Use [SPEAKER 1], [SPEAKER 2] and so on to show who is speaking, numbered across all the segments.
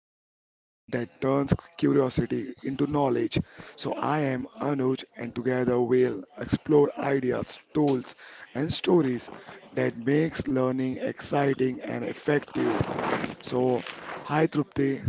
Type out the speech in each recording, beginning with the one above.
[SPEAKER 1] the podcast that turns curiosity into knowledge. So I am Anuj, and together we'll explore ideas, tools, and stories that makes learning exciting and effective. So, hi Trupti.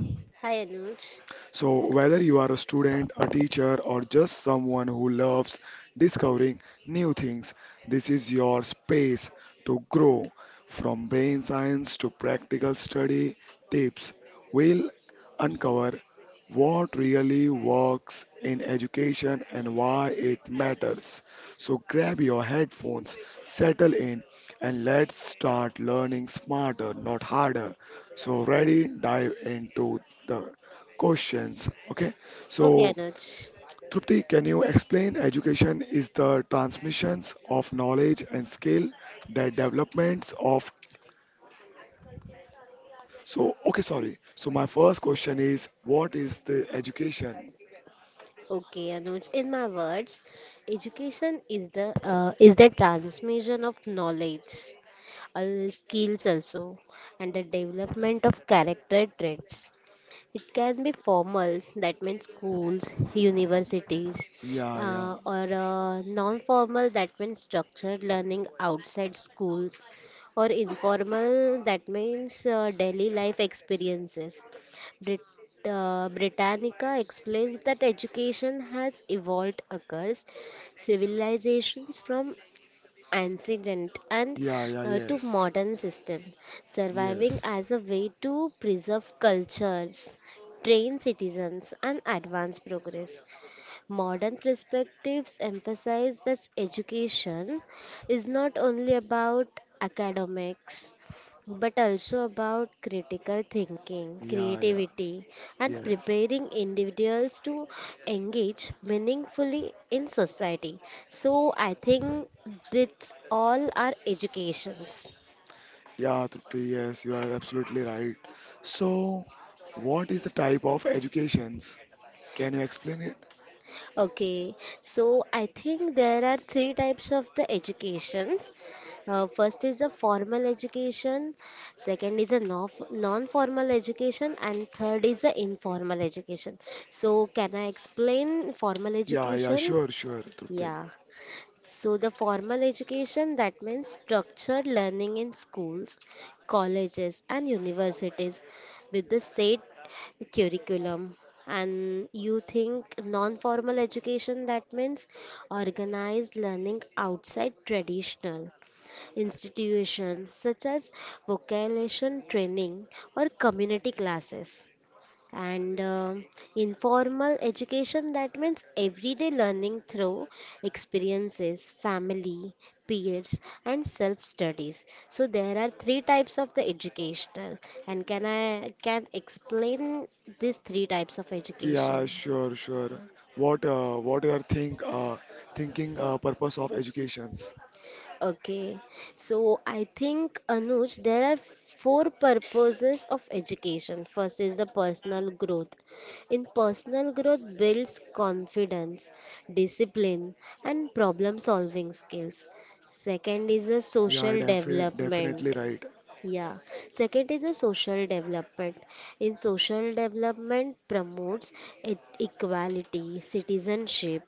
[SPEAKER 2] Hi Anuj.
[SPEAKER 1] So, whether you are a student, a teacher, or just someone who loves discovering new things, this is your space to grow. From brain science to practical study tips, we'll uncover what really works in education and why it matters. So, grab your headphones, settle in, and let's start learning smarter, not harder. So, ready, dive into the questions. Okay,
[SPEAKER 2] Okay
[SPEAKER 1] so
[SPEAKER 2] Anuj.
[SPEAKER 1] Trupti, can you explain education is the transmissions of knowledge and skill, the developments of so okay, sorry. So my first question is what is the education?
[SPEAKER 2] Okay Anuj. In my words, education is the transmission of knowledge, skills also, and the development of character traits. It can be formal, that means schools, universities,
[SPEAKER 1] Yeah, yeah,
[SPEAKER 2] or non formal, that means structured learning outside schools, or informal, that means daily life experiences. Brit- Britannica explains that education has evolved across civilizations from ancient and
[SPEAKER 1] yeah, yeah,
[SPEAKER 2] to
[SPEAKER 1] yes,
[SPEAKER 2] modern system, surviving
[SPEAKER 1] yes,
[SPEAKER 2] as a way to preserve cultures, train citizens, and advance progress. Modern perspectives emphasize that education is not only about academics but also about critical thinking,
[SPEAKER 1] yeah, yeah,
[SPEAKER 2] creativity, and
[SPEAKER 1] yes,
[SPEAKER 2] preparing individuals to engage meaningfully in society. So, I think that's all our educations.
[SPEAKER 1] yeah, Trupti, yes, you are absolutely right. So what is the type of educations? Can you explain it?
[SPEAKER 2] Okay, so I think there are three types of the educations. First is a formal education, second is a non-formal education, and third is a informal education. So can I explain formal
[SPEAKER 1] Yeah, yeah,
[SPEAKER 2] education?
[SPEAKER 1] sure, sure, Trupti.
[SPEAKER 2] Yeah. So, the formal education, that means structured learning in schools, colleges, and universities with the state curriculum. And you think non formal education, that means organized learning outside traditional institutions such as vocational training or community classes, and informal education, that means everyday learning through experiences, family, peers, and self studies. So there are three types of the educational, and can I can explain these three types of
[SPEAKER 1] Yeah,
[SPEAKER 2] education.
[SPEAKER 1] sure, sure. What you are think thinking purpose of educations?
[SPEAKER 2] Okay, so I think Anuj, there are four purposes of education. First is the personal growth. In personal growth, builds confidence, discipline, and problem solving skills. Second is the
[SPEAKER 1] Yeah,
[SPEAKER 2] social
[SPEAKER 1] definitely
[SPEAKER 2] development.
[SPEAKER 1] right.
[SPEAKER 2] Yeah, second is the social development. In social development, promotes equality, citizenship,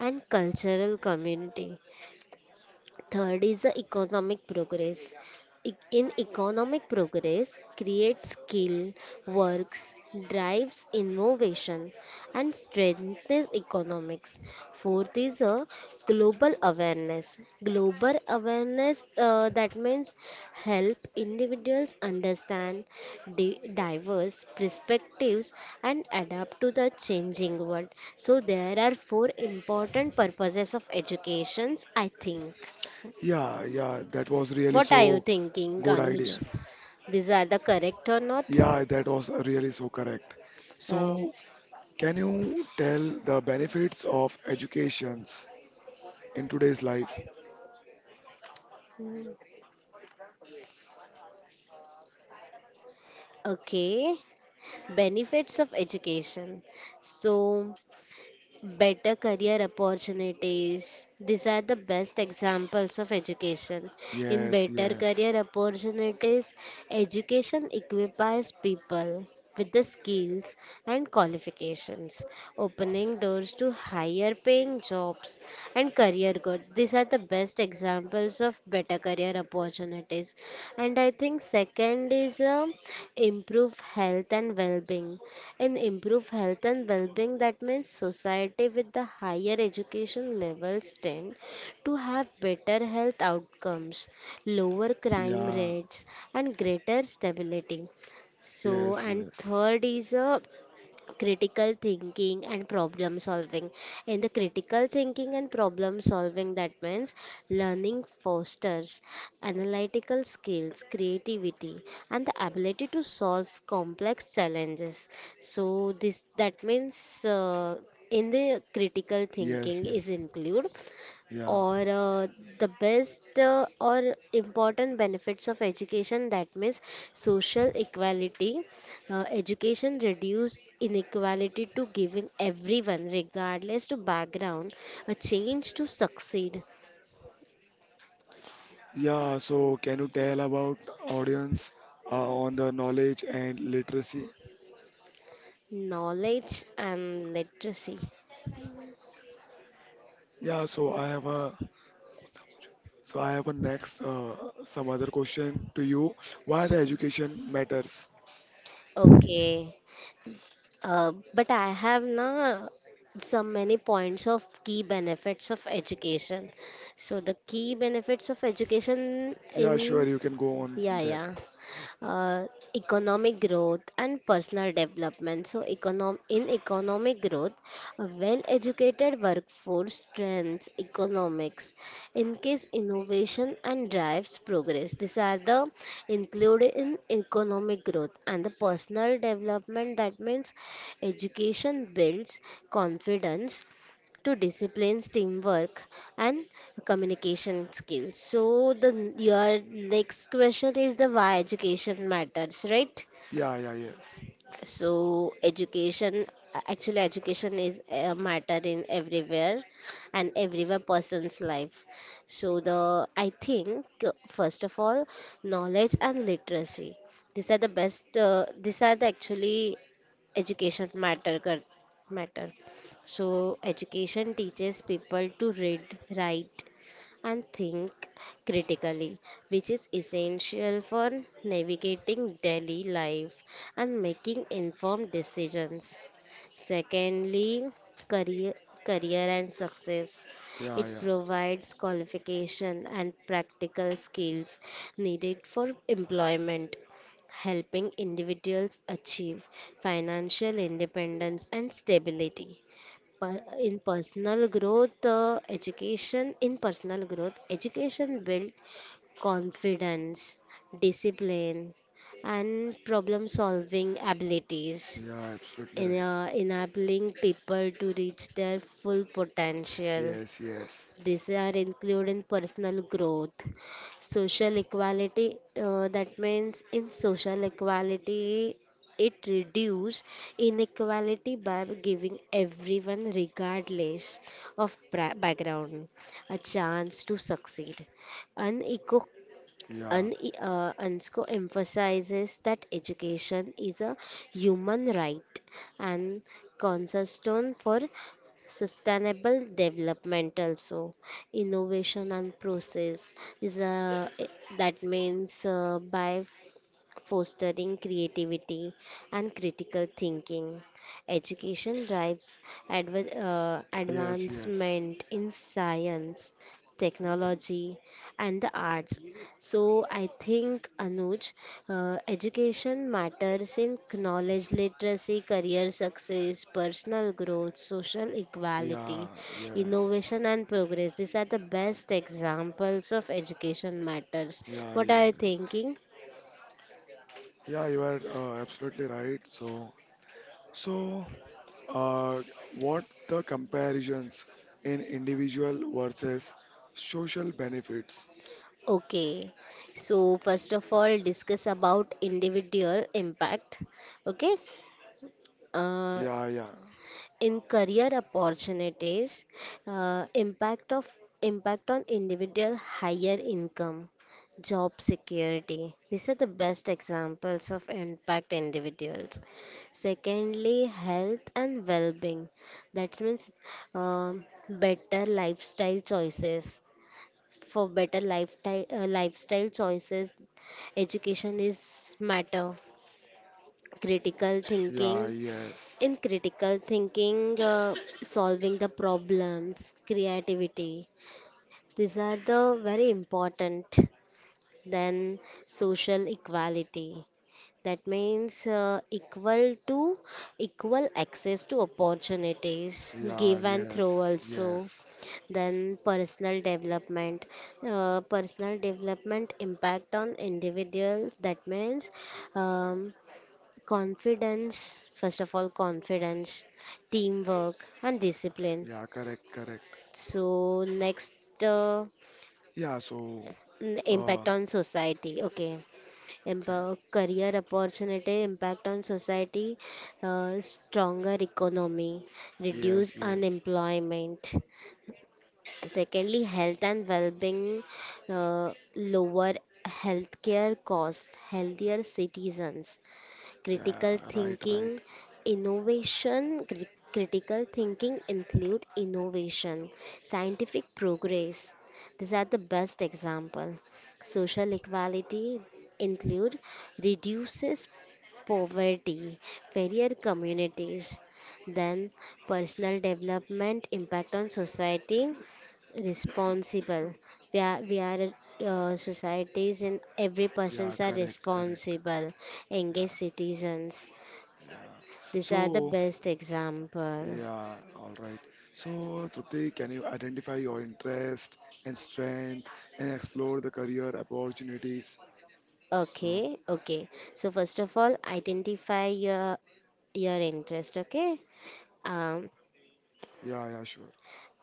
[SPEAKER 2] and cultural community. Third is the economic progress. In economic progress, creates skill, works, drives innovation, and strengthens economics. Fourth is a global awareness. Global awareness, that means help individuals understand diverse perspectives and adapt to the changing world. So there are four important purposes of educations, I think.
[SPEAKER 1] Yeah, yeah, that was really
[SPEAKER 2] What are you
[SPEAKER 1] so
[SPEAKER 2] thinking,
[SPEAKER 1] good
[SPEAKER 2] Anuj?
[SPEAKER 1] ideas.
[SPEAKER 2] These are the correct or not?
[SPEAKER 1] Yeah, that was really so correct.
[SPEAKER 2] Uh,
[SPEAKER 1] So, can you tell the benefits of educations in today's life?
[SPEAKER 2] okay, benefits of education. So, better career opportunities. These are the best examples of education. In
[SPEAKER 1] Yes,
[SPEAKER 2] better
[SPEAKER 1] yes.
[SPEAKER 2] career opportunities, education equips people with the skills and qualifications, opening doors to higher paying jobs and career growth. These are the best examples of better career opportunities. And I think second is improve health and well-being. In improve health and well-being, that means society with the higher education levels tend to have better health outcomes, lower crime
[SPEAKER 1] Yeah,
[SPEAKER 2] rates, and greater stability. So
[SPEAKER 1] yes,
[SPEAKER 2] and
[SPEAKER 1] yes.
[SPEAKER 2] third is a critical thinking and problem solving. In the critical thinking and problem solving, that means learning fosters analytical skills, creativity, and the ability to solve complex challenges. So this, that means uh, in the critical
[SPEAKER 1] Yes,
[SPEAKER 2] thinking is
[SPEAKER 1] yes.
[SPEAKER 2] include,
[SPEAKER 1] Yeah.
[SPEAKER 2] or the best or important benefits of education, that means social equality. Uh, education reduce inequality to giving everyone regardless to background a chance to succeed.
[SPEAKER 1] Yeah, so can you tell about audience on the knowledge and literacy?
[SPEAKER 2] Knowledge and literacy.
[SPEAKER 1] Yeah, so I have a next some other question to you. Why the education matters?
[SPEAKER 2] Okay, but I have now some many points of key benefits of education. So the key benefits of education
[SPEAKER 1] Yeah, sure,
[SPEAKER 2] in,
[SPEAKER 1] you can go on
[SPEAKER 2] yeah
[SPEAKER 1] that.
[SPEAKER 2] yeah, uh, economic growth and personal development. So, in economic growth, a well educated workforce strengthens economics, in case innovation, and drives progress. These are the included in economic growth and the personal development. That means education builds confidence to disciplines, teamwork, and communication skills. So the your next question is the why education matters, right?
[SPEAKER 1] Yeah, yeah, yes.
[SPEAKER 2] So education, actually education is a matter in everywhere and everywhere person's life. So the, I think first of all, knowledge and literacy. These are the best. These are the actually education matter matter. So education teaches people to read, write, and think critically, which is essential for navigating daily life and making informed decisions. Secondly, career, career and success.
[SPEAKER 1] Yeah,
[SPEAKER 2] It
[SPEAKER 1] yeah.
[SPEAKER 2] provides qualification and practical skills needed for employment, helping individuals achieve financial independence and stability. In personal growth, education in personal growth education build confidence, discipline, and problem solving abilities,
[SPEAKER 1] Yeah, absolutely
[SPEAKER 2] in,
[SPEAKER 1] right.
[SPEAKER 2] uh, enabling people to reach their full potential.
[SPEAKER 1] Yes, yes.
[SPEAKER 2] These are including personal growth, social equality. That means in social equality, it reduces inequality by giving everyone, regardless of background, a chance to succeed. An eco
[SPEAKER 1] Yeah.
[SPEAKER 2] Un, UNESCO emphasizes that education is a human right and cornerstone for sustainable development. Also innovation and process is a, that means by fostering creativity and critical thinking. Education drives
[SPEAKER 1] Yes, yes.
[SPEAKER 2] advancement in science, technology, and the arts. So I think, Anuj, education matters in knowledge literacy, career success, personal growth, social
[SPEAKER 1] Yeah,
[SPEAKER 2] equality,
[SPEAKER 1] yes.
[SPEAKER 2] innovation, and progress. These are the best examples of education matters.
[SPEAKER 1] Yeah,
[SPEAKER 2] What are you
[SPEAKER 1] yes.
[SPEAKER 2] thinking?
[SPEAKER 1] Yeah, you are absolutely right. So Uh, what the comparisons in individual versus social benefits?
[SPEAKER 2] Okay, so first of all, discuss about individual impact. Okay, uh,
[SPEAKER 1] Yeah, yeah,
[SPEAKER 2] in career opportunities, uh, impact of impact on individual higher income, job security. These are the best examples of impact individuals. Secondly, health and well-being. That means better lifestyle choices, for better lifestyle, lifestyle choices. Education is matter. Critical
[SPEAKER 1] yeah,
[SPEAKER 2] thinking.
[SPEAKER 1] yes,
[SPEAKER 2] In critical thinking, solving the problems, creativity. These are the very important. Then social equality, that means equal access to opportunities,
[SPEAKER 1] yeah,
[SPEAKER 2] give and throw
[SPEAKER 1] yes,
[SPEAKER 2] also.
[SPEAKER 1] yes,
[SPEAKER 2] Then personal development, personal development impact on individuals, that means um, confidence, first of all confidence, teamwork and discipline.
[SPEAKER 1] yeah, correct, correct.
[SPEAKER 2] So next, uh,
[SPEAKER 1] Yeah, uh,
[SPEAKER 2] impact on society. Okay,
[SPEAKER 1] okay,
[SPEAKER 2] Career opportunity, impact on society, stronger economy, reduce
[SPEAKER 1] yes, yes,
[SPEAKER 2] unemployment. Secondly, health and well-being, lower healthcare cost, healthier citizens. Critical
[SPEAKER 1] yeah, right, right,
[SPEAKER 2] thinking, innovation, critical thinking include innovation, scientific progress. These are the best example. Social equality include reduces poverty, fairer communities. Then personal development, impact on society, responsible. We are societies, and every
[SPEAKER 1] yeah,
[SPEAKER 2] persons are
[SPEAKER 1] correct, correct,
[SPEAKER 2] responsible engaged
[SPEAKER 1] yeah,
[SPEAKER 2] citizens.
[SPEAKER 1] yeah.
[SPEAKER 2] These are the
[SPEAKER 1] So,
[SPEAKER 2] best example.
[SPEAKER 1] yeah, all right. So, Trupti, can you identify your interest and strength and explore the career opportunities? So,
[SPEAKER 2] Okay, okay. So first of all, identify your interest. Okay. Um,
[SPEAKER 1] yeah, yeah, sure.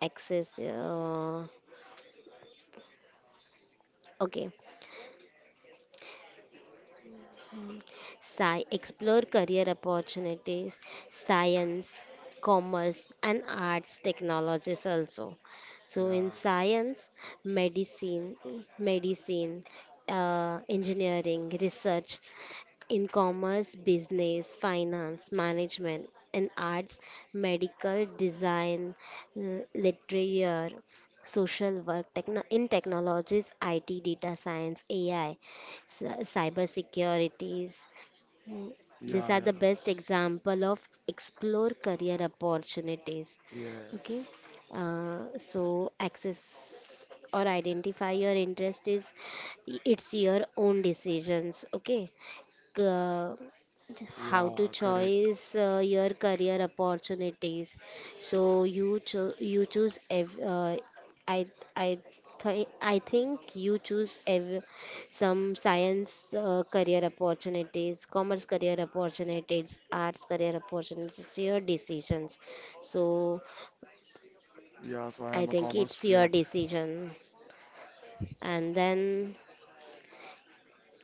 [SPEAKER 2] access. Okay. Sci explore career opportunities, science, commerce, and arts technologies also. So
[SPEAKER 1] Yeah,
[SPEAKER 2] in science, medicine, medicine, engineering, research, in commerce, business, finance, management, and arts, medical design, literature, social work, in technologies, IT, data science, AI, cyber securities. These
[SPEAKER 1] yeah,
[SPEAKER 2] are
[SPEAKER 1] yeah.
[SPEAKER 2] the best example of explore career opportunities. Okay,
[SPEAKER 1] Yes.
[SPEAKER 2] so access or identify your interest is it's your own decisions. Okay. Uh,
[SPEAKER 1] Yeah,
[SPEAKER 2] how to
[SPEAKER 1] correct.
[SPEAKER 2] choice your career opportunities, so you cho- you choose ev- I I th I think you choose some science career opportunities, commerce career opportunities, arts career opportunities. It's your decisions. So
[SPEAKER 1] Yeah, so I
[SPEAKER 2] I
[SPEAKER 1] am a
[SPEAKER 2] think
[SPEAKER 1] commerce
[SPEAKER 2] it's your
[SPEAKER 1] student.
[SPEAKER 2] decision. And then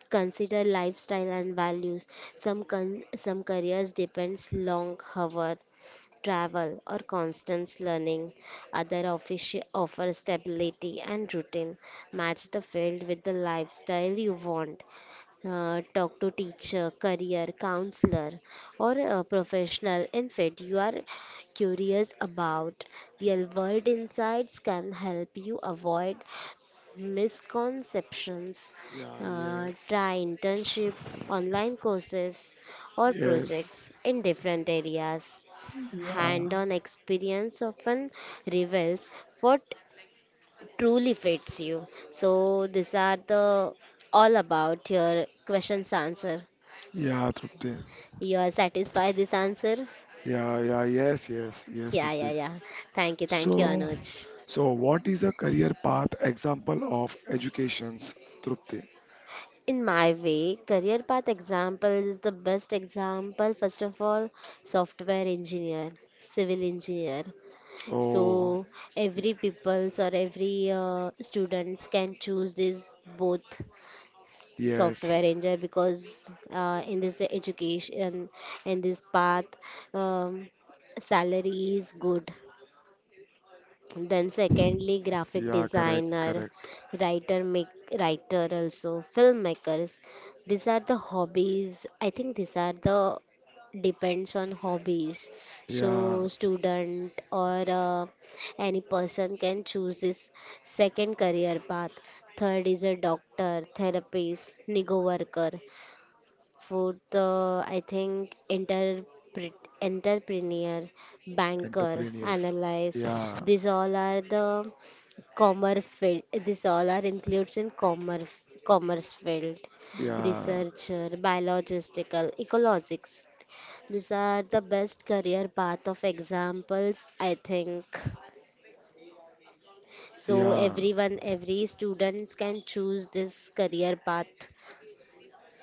[SPEAKER 2] consider lifestyle and values. Some careers depends long hour travel, or constant learning. Other offer stability and routine. Match the field with the lifestyle you want. Talk to teacher, career counselor, or a professional in field you are curious about. Real world insights can help you avoid misconceptions.
[SPEAKER 1] Yeah, yes.
[SPEAKER 2] Try internship, online courses, or
[SPEAKER 1] Yes.
[SPEAKER 2] projects in different areas.
[SPEAKER 1] Yeah.
[SPEAKER 2] Hand-on experience often reveals what truly fits you. So these are the all about your questions answer.
[SPEAKER 1] Yeah, Trupti.
[SPEAKER 2] You are satisfied this answer?
[SPEAKER 1] Yeah, yeah, yes, yes, yes,
[SPEAKER 2] Yeah, yeah,
[SPEAKER 1] Trupti.
[SPEAKER 2] yeah. Thank you,
[SPEAKER 1] So,
[SPEAKER 2] Anuj.
[SPEAKER 1] so what is a career path example of educations, Trupti?
[SPEAKER 2] In my way, career path example is the best example. First of all, software engineer, civil engineer.
[SPEAKER 1] Oh,
[SPEAKER 2] So every people's or every students can choose this both
[SPEAKER 1] yes.
[SPEAKER 2] software engineer, because in this education, in this path, um, salary is good. Then secondly, graphic
[SPEAKER 1] Yeah, correct,
[SPEAKER 2] designer,
[SPEAKER 1] correct.
[SPEAKER 2] writer, make writer also, filmmakers. These are the hobbies, I think. These are the depends on hobbies. So
[SPEAKER 1] Yeah,
[SPEAKER 2] student or any person can choose this second career path. Third is a doctor, therapist, nigo worker, food, the I think interpret, entrepreneur, banker,
[SPEAKER 1] entrepreneurs.
[SPEAKER 2] analyst.
[SPEAKER 1] Yeah,
[SPEAKER 2] These all are the commerce field. These all are includes in commerce, commerce field,
[SPEAKER 1] yeah,
[SPEAKER 2] researcher, biologistical, ecologics. These are the best career path of examples, I think. So
[SPEAKER 1] yeah,
[SPEAKER 2] everyone, every students can choose this career path.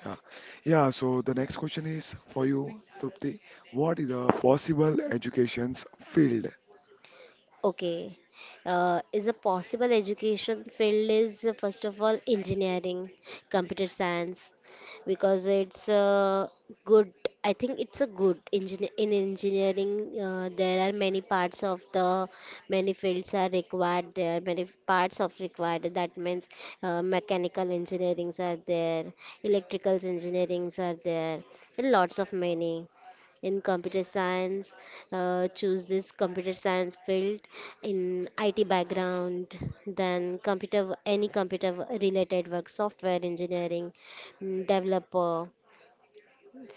[SPEAKER 1] yeah. Yeah, so the next question is for you, Trupti. What is the possible education's field?
[SPEAKER 2] Okay. Is a possible education field is first of all engineering, computer science, because it's a good. I think it's a good engineer in engineering. There are many parts of the many fields are required. There are many parts of required. That means mechanical engineerings are there, electricals engineerings are there, and lots of many in computer science. Uh, choose this computer science field in IT background, then computer, any computer related work, software engineering, developer.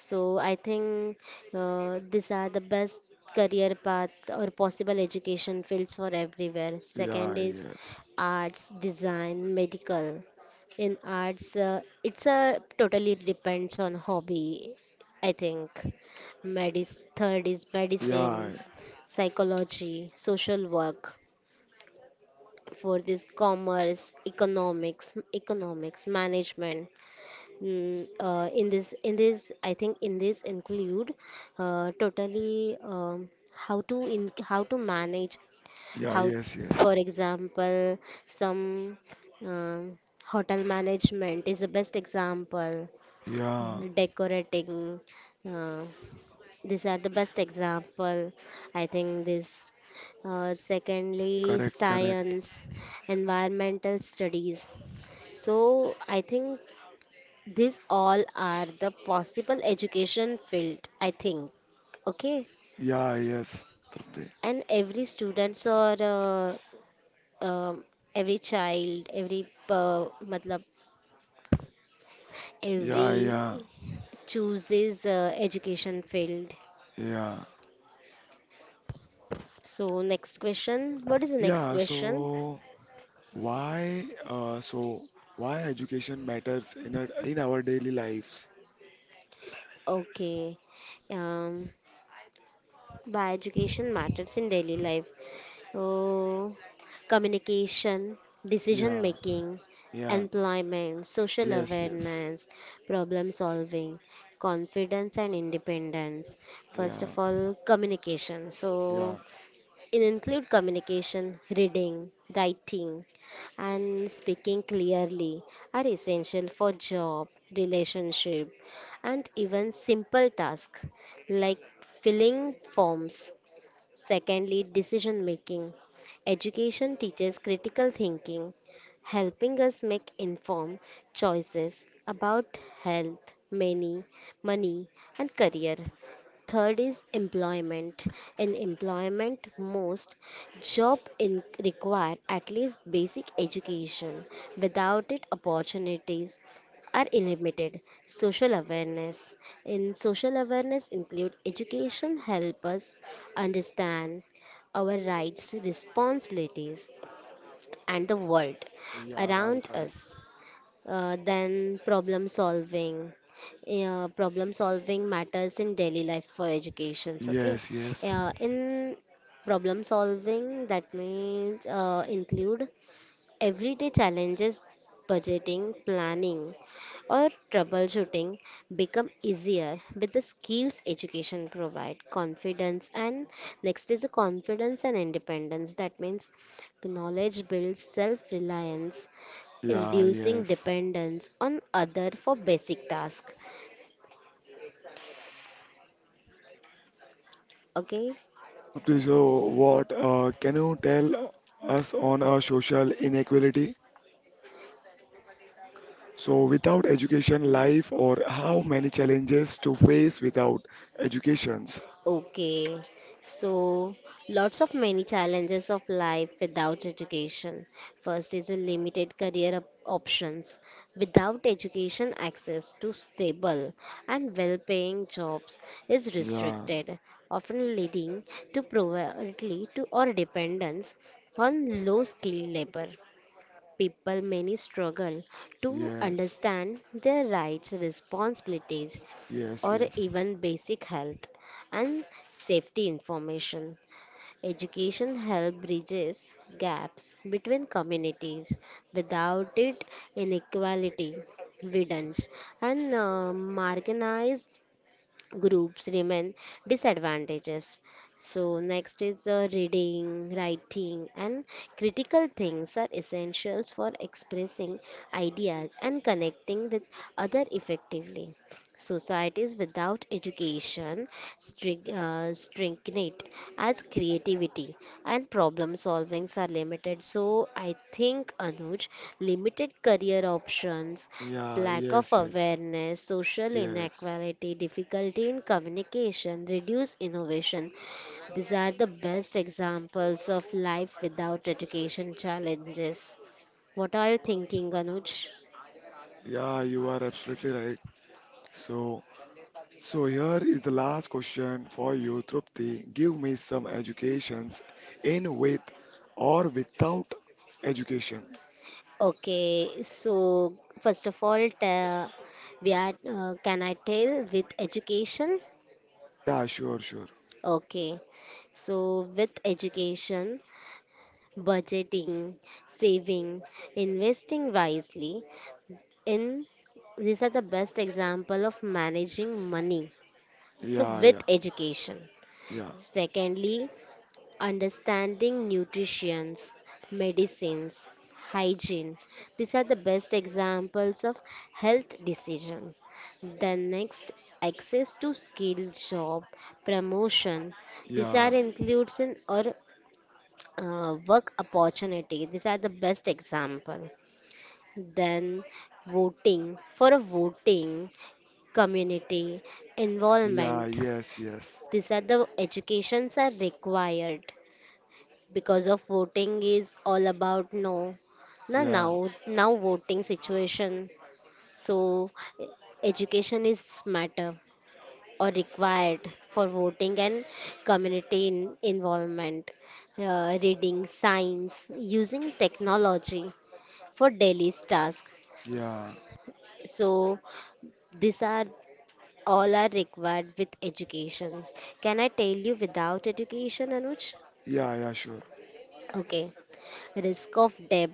[SPEAKER 2] So I think these are the best career path or possible education fields for everywhere. Second
[SPEAKER 1] Yeah,
[SPEAKER 2] is
[SPEAKER 1] yes.
[SPEAKER 2] arts, design, medical. In arts, it's a totally depends on hobby. I think. Medis third is medicine,
[SPEAKER 1] Yeah,
[SPEAKER 2] psychology, social work. Fourth is commerce, economics, economics, management. In this, I think in this include totally how to in how to manage
[SPEAKER 1] yeah,
[SPEAKER 2] how,
[SPEAKER 1] yes, yes.
[SPEAKER 2] for example, some um, hotel management is the best example.
[SPEAKER 1] Yeah,
[SPEAKER 2] Mhm. Decorating, uh, these are the best example. I think this. Secondly,
[SPEAKER 1] correct, correct.
[SPEAKER 2] science, environmental studies. So I think these all are the possible education field, I think. Okay,
[SPEAKER 1] Yeah, yes, Trupti.
[SPEAKER 2] and every students or um every child, every uh, matlab,
[SPEAKER 1] Yeah, yeah,
[SPEAKER 2] every chooses education field.
[SPEAKER 1] yeah.
[SPEAKER 2] So next question, what is the next
[SPEAKER 1] Yeah,
[SPEAKER 2] question?
[SPEAKER 1] so why education matters in our daily lives?
[SPEAKER 2] Okay, um, why education matters in daily life? Oh, communication, decision
[SPEAKER 1] Yeah,
[SPEAKER 2] making,
[SPEAKER 1] yeah.
[SPEAKER 2] employment, social
[SPEAKER 1] Yes, yes.
[SPEAKER 2] awareness, problem solving, confidence and independence. First
[SPEAKER 1] Yeah,
[SPEAKER 2] of all, communication.
[SPEAKER 1] yeah.
[SPEAKER 2] So, it include communication, reading, writing, and speaking clearly are essential for job, relationship, and even simple tasks like filling forms. Secondly, decision making. Education teaches critical thinking, helping us make informed choices about health, money and career. Third is employment. In employment, most job in require at least basic education. Without it, opportunities are limited. Social awareness. In social awareness include education help us understand our rights, responsibilities and the world
[SPEAKER 1] Yeah, right,
[SPEAKER 2] around
[SPEAKER 1] right.
[SPEAKER 2] us, than problem solving. Yeah, problem solving matters in daily life for educations. Okay,
[SPEAKER 1] Yes, yes.
[SPEAKER 2] yeah, in problem solving that may include everyday challenges, budgeting, planning, or troubleshooting become easier with the skills education provide confidence and next is a confidence and independence that means knowledge builds self reliance,
[SPEAKER 1] Yeah,
[SPEAKER 2] reducing
[SPEAKER 1] yes.
[SPEAKER 2] dependence on other for basic tasks. Okay.
[SPEAKER 1] Yeah, Trupti, so what can you tell us on social inequality? So without education, life or how many challenges to face without educations?
[SPEAKER 2] Okay, so lots of many challenges of life without education. First is a limited career options. Without education, access to stable and well paying jobs is
[SPEAKER 1] Yeah,
[SPEAKER 2] restricted, often leading to poverty to or dependence on low skilled labor. People many struggle to
[SPEAKER 1] yes,
[SPEAKER 2] understand their rights, responsibilities,
[SPEAKER 1] yes,
[SPEAKER 2] or
[SPEAKER 1] yes.
[SPEAKER 2] even basic health and safety information. Education help bridges gaps between communities. Without it, inequality widens and marginalized groups remain disadvantages. So, next is reading, writing, and critical things are essentials for expressing ideas and connecting with other effectively. Societies without education stagnate as creativity and problem solvings are limited. So I think, Anuj, limited career options,
[SPEAKER 1] Yeah,
[SPEAKER 2] lack of
[SPEAKER 1] yes, yes,
[SPEAKER 2] awareness, social
[SPEAKER 1] yes.
[SPEAKER 2] inequality, difficulty in communication, reduce innovation. These are the best examples of life without education challenges. What are you thinking, Anuj?
[SPEAKER 1] Yeah, you are absolutely right. So, so here is the last question for you, Trupti. Give me some educations in with or without education.
[SPEAKER 2] Okay, so first of all, we are, can I tell with education?
[SPEAKER 1] Yeah, sure, sure.
[SPEAKER 2] Okay, so with education, budgeting, saving, investing wisely, in these are the best example of managing money. So
[SPEAKER 1] Yeah,
[SPEAKER 2] with
[SPEAKER 1] yeah,
[SPEAKER 2] education.
[SPEAKER 1] yeah,
[SPEAKER 2] Secondly, understanding nutritions, medicines, hygiene. These are the best examples of health decision. The next, access to skilled job promotion. These
[SPEAKER 1] yeah,
[SPEAKER 2] are includes in or work opportunity. These are the best example. Then voting for a voting community
[SPEAKER 1] yeah,
[SPEAKER 2] involvement.
[SPEAKER 1] yes, yes.
[SPEAKER 2] These are the educations are required because of voting is all about no na
[SPEAKER 1] Yeah,
[SPEAKER 2] now voting situation. So, e- education is matter or required for voting and community in, involvement. Uh, reading science, using technology for daily task.
[SPEAKER 1] yeah,
[SPEAKER 2] So these are all are required with educations. Can I tell you without education, Anuj?
[SPEAKER 1] yeah, yeah, sure.
[SPEAKER 2] Okay, risk of debt,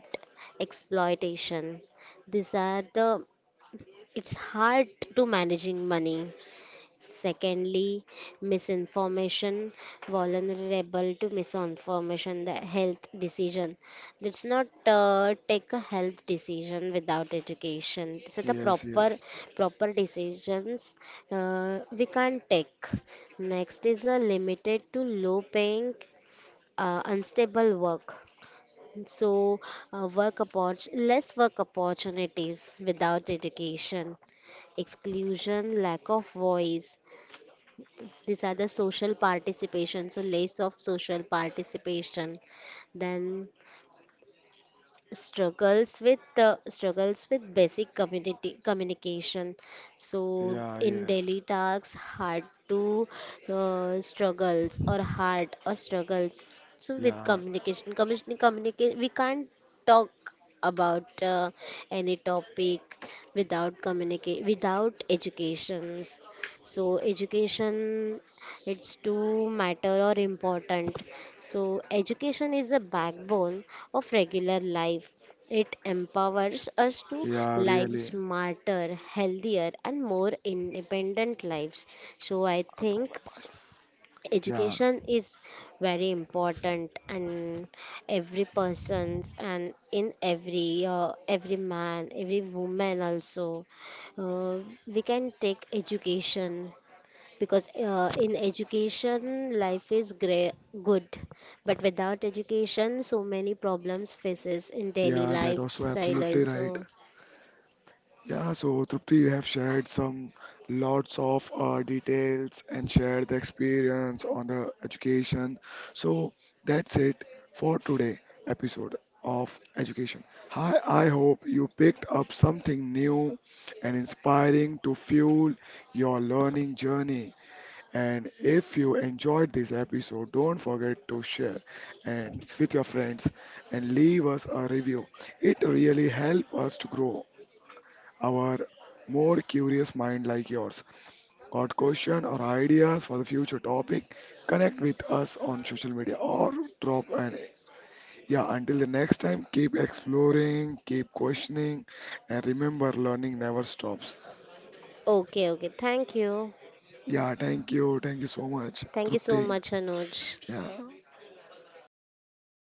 [SPEAKER 2] exploitation. These are the it's hard to managing money. Secondly, misinformation, vulnerable to misinformation, the health decision. Let's not take a health decision without education. These are the
[SPEAKER 1] Yes,
[SPEAKER 2] proper
[SPEAKER 1] yes.
[SPEAKER 2] proper decisions we can't take. Next is a limited to low paying, unstable work. So, less work opportunities without education, exclusion, lack of voice. These are the social participation, so less of social participation. Then struggles with basic community communication. So
[SPEAKER 1] Yeah,
[SPEAKER 2] in
[SPEAKER 1] yes.
[SPEAKER 2] daily tasks hard to, struggles or hard or struggles. So with
[SPEAKER 1] Yeah,
[SPEAKER 2] communication communicate, we can't talk about any topic without communicate without educations. So education, it's too matter or important. So education is a backbone of regular life. It empowers us to
[SPEAKER 1] yeah,
[SPEAKER 2] live
[SPEAKER 1] really.
[SPEAKER 2] smarter, healthier and more independent lives. So I think
[SPEAKER 1] Yeah,
[SPEAKER 2] education is very important and every person's and in every, every man, every woman also, uh, we can take education because in education life is great, good. But without education so many problems faces in daily
[SPEAKER 1] yeah, that was so
[SPEAKER 2] lifestyle
[SPEAKER 1] absolutely
[SPEAKER 2] also.
[SPEAKER 1] right. Yeah, so Trupti, you have shared some lots of details and shared the experience on the education. So that's it for today episode of education. Hi, I hope you picked up something new and inspiring to fuel your learning journey. And if you enjoyed this episode, don't forget to share and with your friends and leave us a review. It really helps us to grow our more curious mind like yours. Got question or ideas for the future topic, connect with us on social media or drop an yeah, until the next time, keep exploring, keep questioning, and remember learning never stops.
[SPEAKER 2] Okay, okay, thank you,
[SPEAKER 1] Yeah, thank you, thank you so much,
[SPEAKER 2] thank you so
[SPEAKER 1] Trupti.
[SPEAKER 2] much, Anuj.
[SPEAKER 1] Yeah.